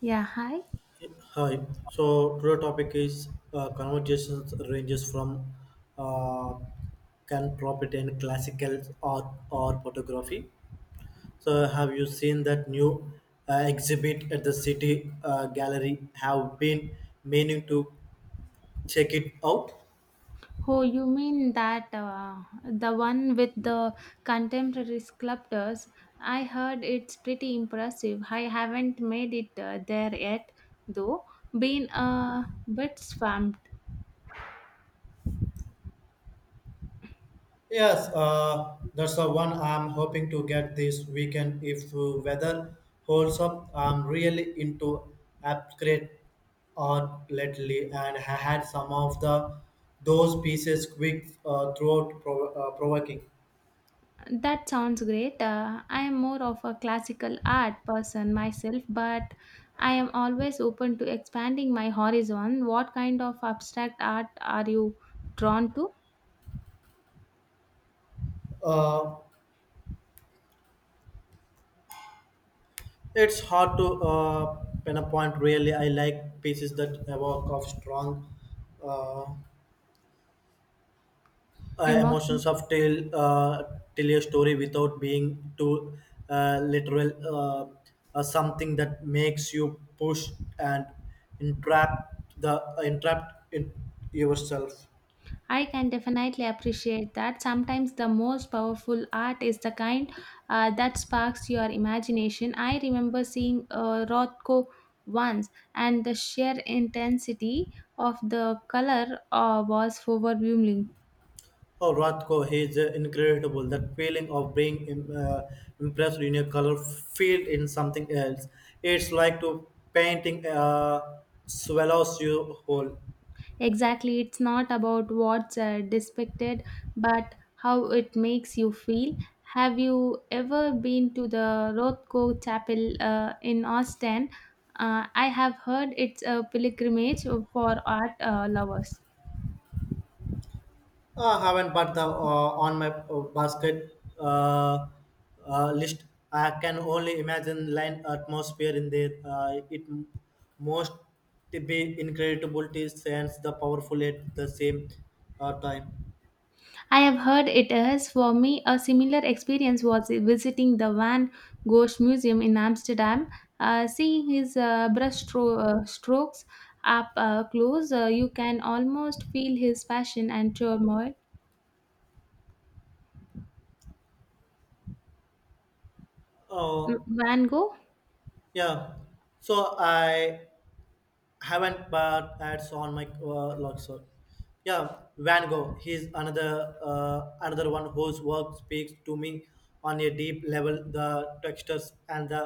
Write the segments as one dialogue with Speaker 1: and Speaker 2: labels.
Speaker 1: Yeah, hi.
Speaker 2: Hi. So today topic is conversations ranges from uh, can profit in classical art or photography. So have you seen that new exhibit at the city gallery? Have been meaning to check it out.
Speaker 1: Oh, you mean that the one with the contemporary sculptors? I heard it's pretty impressive. I haven't made it there yet, though. Been a bit swamped.
Speaker 2: Yes, that's the one I'm hoping to get this weekend if weather holds up. I'm really into upgrade art lately, and I had some of the those pieces quick provoking.
Speaker 1: That sounds great. I am more of a classical art person myself, but I am always open to expanding my horizon. What kind of abstract art are you drawn to?
Speaker 2: Uh, it's hard to pinpoint really. I like pieces that evoke of strong. Uh,
Speaker 1: Emotion.
Speaker 2: emotions of tell a story without being too literal, something that makes you push and entrap in yourself.
Speaker 1: I can definitely appreciate that. Sometimes the most powerful art is the kind that sparks your imagination. I remember seeing Rothko once, and the sheer intensity of the color was overwhelming.
Speaker 2: Oh, Rothko, he is incredible, that feeling of being impressed in a color field in something else. It's like to painting swallows you whole.
Speaker 1: Exactly, it's not about what's depicted, but how it makes you feel. Have you ever been to the Rothko Chapel in Austin? I have heard it's a pilgrimage for art lovers.
Speaker 2: I haven't, put the on my basket list. I can only imagine land atmosphere in there. Must be incredible to sense the powerful at the same time.
Speaker 1: I have heard it is. For me, a similar experience was visiting the Van Gogh Museum in Amsterdam. Seeing his brush strokes up close, you can almost feel his passion and turmoil.
Speaker 2: Uh,
Speaker 1: Van Gogh,
Speaker 2: yeah, so I haven't but ads on my log, so yeah. Van Gogh, he's another one whose work speaks to me on a deep level. The textures and the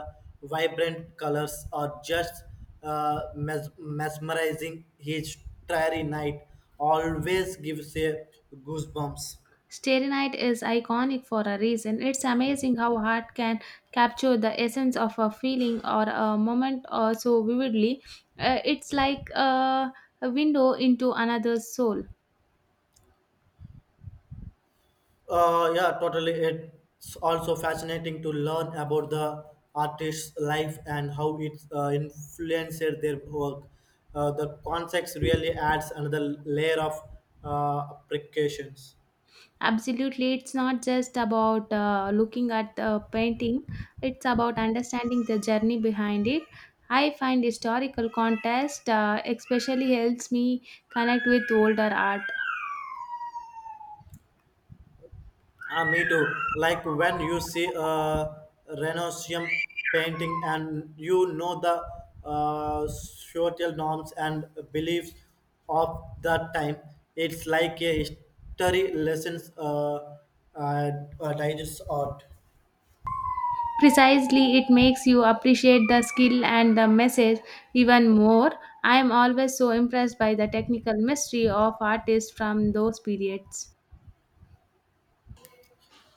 Speaker 2: vibrant colors are just mesmerizing. His Starry Night always gives a goosebumps.
Speaker 1: Starry Night is iconic for a reason. It's amazing how art can capture the essence of a feeling or a moment so vividly. It's like a window into another's soul.
Speaker 2: Yeah, totally. It's also fascinating to learn about the artist's life and how it influenced their work. The context really adds another layer of applications.
Speaker 1: Absolutely, it's not just about looking at the painting, it's about understanding the journey behind it. I find historical context especially helps me connect with older art.
Speaker 2: Me too. Like when you see a Renaissance painting and you know the social norms and beliefs of that time, it's like a history lessons, uh, digest art.
Speaker 1: Precisely, it makes you appreciate the skill and the message even more. I am always so impressed by the technical mystery of artists from those periods.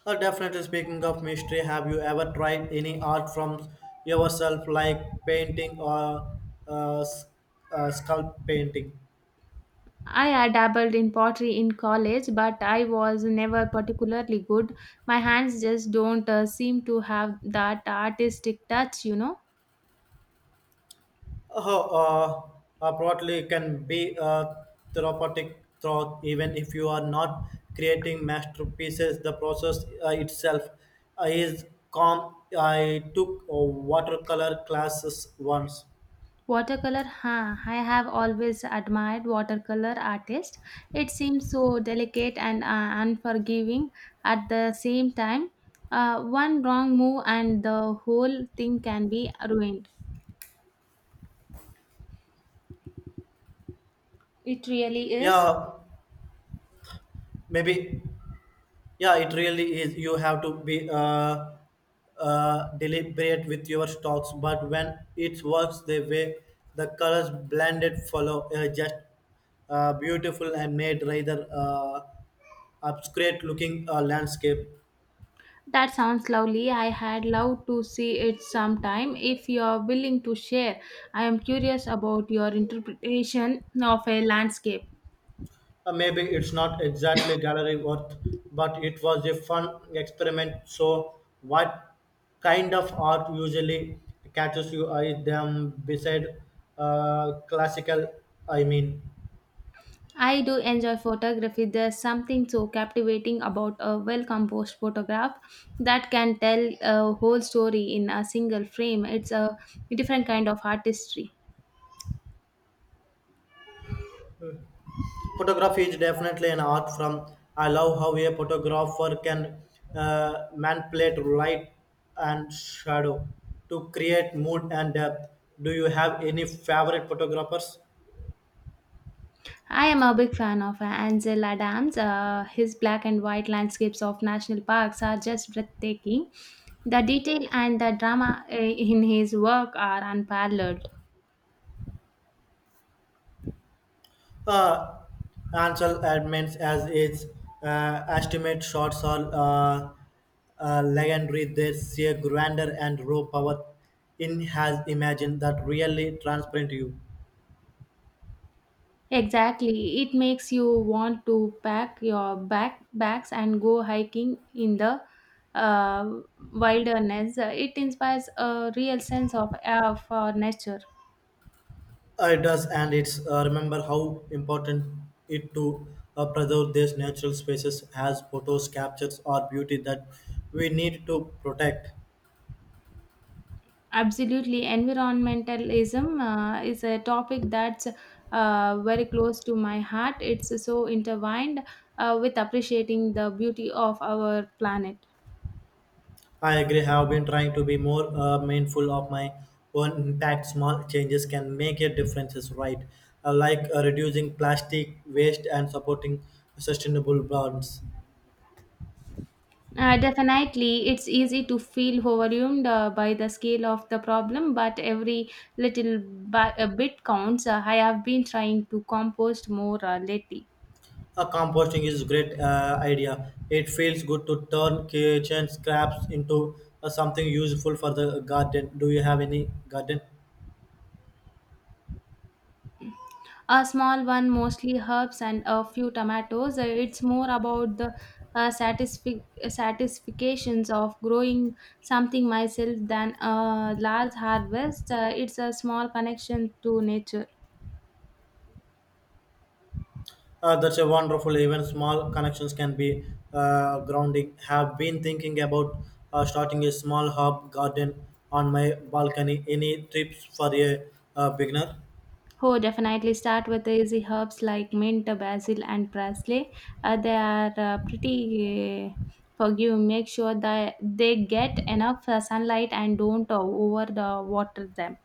Speaker 2: Definitely, speaking of mystery, have you ever tried any art from yourself, like painting or uh, s- sculpt painting?
Speaker 1: I dabbled in pottery in college, but I was never particularly good. My hands just don't seem to have that artistic touch, you know.
Speaker 2: Oh, broadly can be therapeutic through, even if you are not creating masterpieces. The process itself is calm. I took a watercolor classes once.
Speaker 1: Watercolor, huh? I have always admired watercolor artists. It seems so delicate and unforgiving at the same time. One wrong move and the whole thing can be ruined. It really is.
Speaker 2: Yeah, maybe. Yeah, it really is. You have to be deliberate with your stocks, but when it works, the way the colors blended follow just beautiful and made rather obscure looking landscape.
Speaker 1: That sounds lovely. I had loved to see it sometime. If you're willing to share, I am curious about your interpretation of a landscape.
Speaker 2: Maybe it's not exactly gallery worth, but it was a fun experiment. So, what kind of art usually catches you eye? Them beside classical, I mean.
Speaker 1: I do enjoy photography. There's something so captivating about a well composed photograph that can tell a whole story in a single frame. It's a different kind of artistry.
Speaker 2: Photography is definitely an art form. I love how a photographer can manipulate light and shadow to create mood and depth. Do you have any favorite photographers?
Speaker 1: I am a big fan of Ansel Adams. His black and white landscapes of national parks are just breathtaking. The detail and the drama in his work are unparalleled.
Speaker 2: Uh, Ansel admits as its estimate shots are legendary. They see a grandeur and raw power in has imagined that really transparent you.
Speaker 1: Exactly. It makes you want to pack your backpacks and go hiking in the uh, wilderness. It inspires a real sense of awe for nature.
Speaker 2: It does, and it's remember how important it to preserve these natural spaces as photos, captures, or beauty that we need to protect.
Speaker 1: Absolutely. Environmentalism is a topic that's very close to my heart. It's so intertwined with appreciating the beauty of our planet.
Speaker 2: I agree. Have been trying to be more mindful of my own impact. Small changes can make a difference. Is right, like reducing plastic waste and supporting sustainable brands.
Speaker 1: Definitely, it's easy to feel overwhelmed by the scale of the problem, but every little a bit counts. I have been trying to compost more lately.
Speaker 2: A composting is a great idea. It feels good to turn kitchen scraps into something useful for the garden. Do you have any garden?
Speaker 1: A small one, mostly herbs and a few tomatoes. It's more about the satisfactions of growing something myself than a large harvest. It's a small connection to nature.
Speaker 2: That's a wonderful. Even small connections can be grounding. Have been thinking about starting a small herb garden on my balcony. Any tips for a beginner?
Speaker 1: Oh, definitely start with the easy herbs like mint, basil, and parsley. They are pretty forgive. Make sure that they get enough sunlight and don't over the water them.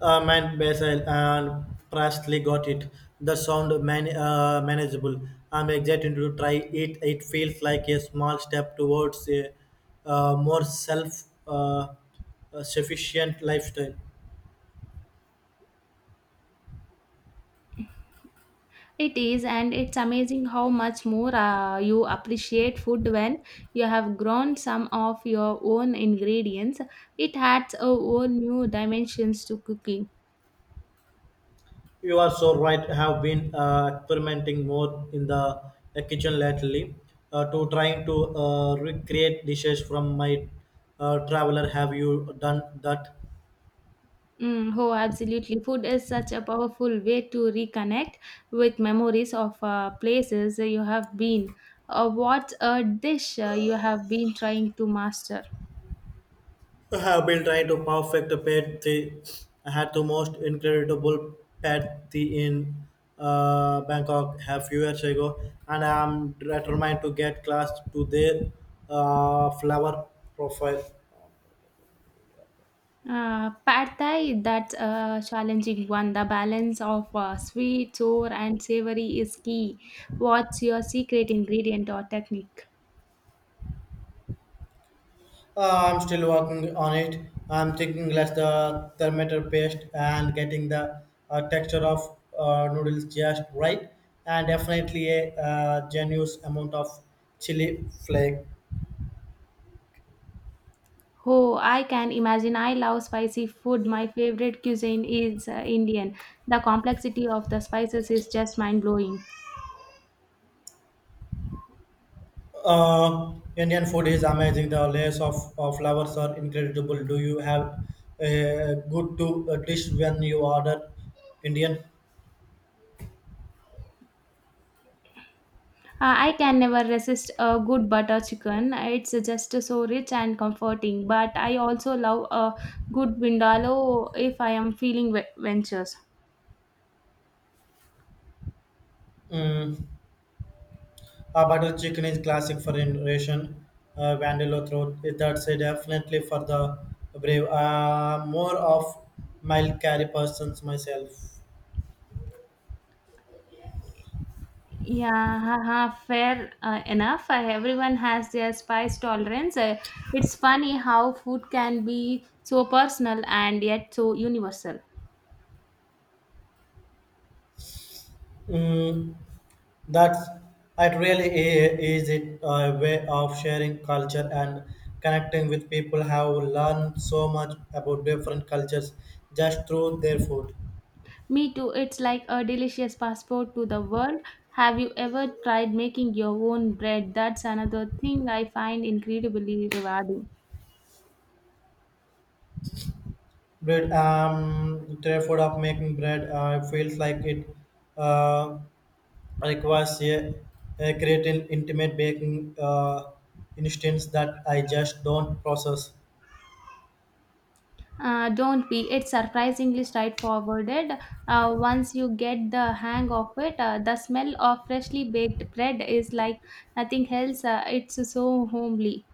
Speaker 2: Man, Basil and Presley got it. The sound man, manageable. I'm excited to try it. It feels like a small step towards a more self sufficient lifestyle.
Speaker 1: It is, and it's amazing how much more you appreciate food when you have grown some of your own ingredients. It adds a whole new dimensions to cooking.
Speaker 2: You are so right. Have been experimenting more in the kitchen lately. To trying to recreate dishes from my traveler. Have you done that?
Speaker 1: Mm, oh, absolutely. Food is such a powerful way to reconnect with memories of places you have been. What a dish you have been trying to master.
Speaker 2: I have been trying to perfect a pet the. I had the most incredible pet the in Bangkok a few years ago, and I am determined to get class to their flower profile.
Speaker 1: Pad Thai, that challenging one. The balance of sweet, sour, and savory is key. What's your secret ingredient or technique?
Speaker 2: I'm still working on it. I'm thinking less the thermometer paste and getting the texture of noodles just right, and definitely a generous amount of chili flake.
Speaker 1: Oh, I can imagine. I love spicy food. My favorite cuisine is Indian. The complexity of the spices is just mind blowing.
Speaker 2: Indian food is amazing. The layers of flowers are incredible. Do you have a good to a dish when you order Indian?
Speaker 1: I can never resist a good butter chicken. It's just so rich and comforting. But I also love a good vindaloo if I am feeling ventures.
Speaker 2: Mm. A butter chicken is classic for Indian, Vandalo throat. That's a definitely for the brave. More of mild curry persons myself.
Speaker 1: Yeah, haha, fair enough. Everyone has their spice tolerance. It's funny how food can be so personal and yet so universal.
Speaker 2: Mm. That's it. Really, is it a way of sharing culture and connecting with people. Have learned so much about different cultures just through their food.
Speaker 1: Me too. It's like a delicious passport to the world. Have you ever tried making your own bread? That's another thing I find incredibly rewarding.
Speaker 2: Bread, their food of making bread feels like it uh, requires a creative, intimate baking instance that I just don't process.
Speaker 1: Don't be. It's surprisingly straightforward. Once you get the hang of it, the smell of freshly baked bread is like nothing else. It's so homely.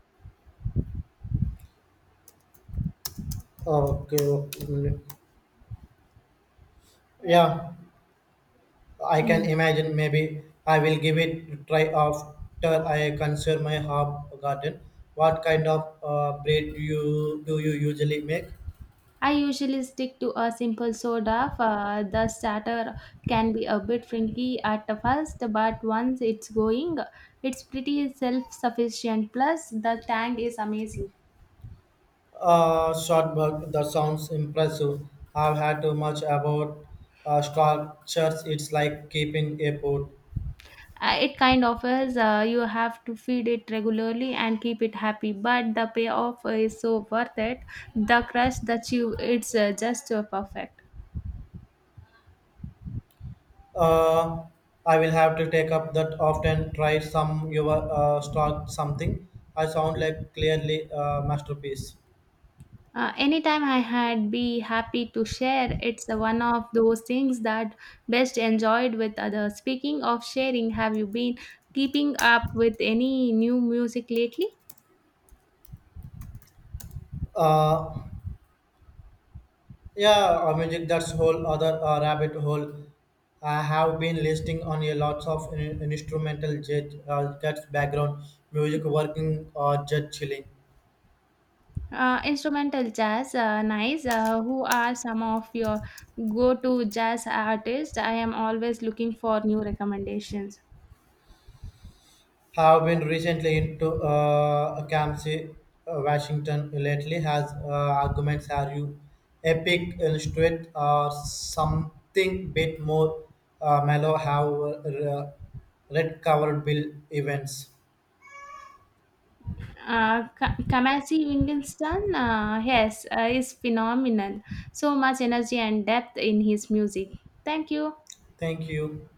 Speaker 2: Okay. Okay. Yeah. I can
Speaker 1: Mm.
Speaker 2: imagine maybe I will give it a try after I conserve my herb garden. What kind of bread do you usually make?
Speaker 1: I usually stick to a simple soda. The starter can be a bit fringy at the first, but once it's going, it's pretty self sufficient. Plus, the tang is amazing.
Speaker 2: Shortbread, that sounds impressive. I've had too much about structures. It's like keeping a pot.
Speaker 1: It kind of is. You have to feed it regularly and keep it happy, but the payoff is so worth it. The crush that you, it's just perfect.
Speaker 2: Uh, I will have to take up that often try some your start something. I sound like clearly a masterpiece.
Speaker 1: Anytime I had be happy to share, it's one of those things that best enjoyed with others. Speaking of sharing, have you been keeping up with any new music lately?
Speaker 2: Uh, Yeah, music, that's whole other rabbit hole. I have been listening on a lots of instrumental jazz, jazz background music, working or jazz chilling.
Speaker 1: Instrumental jazz, nice. Who are some of your go-to jazz artists? I am always looking for new recommendations.
Speaker 2: Have been recently into Kamsi, Washington lately has arguments are you epic illustrate or something bit more mellow have red covered bill events.
Speaker 1: Kamasi Wittgenstein, yes, is phenomenal. So much energy and depth in his music. Thank you.
Speaker 2: Thank you.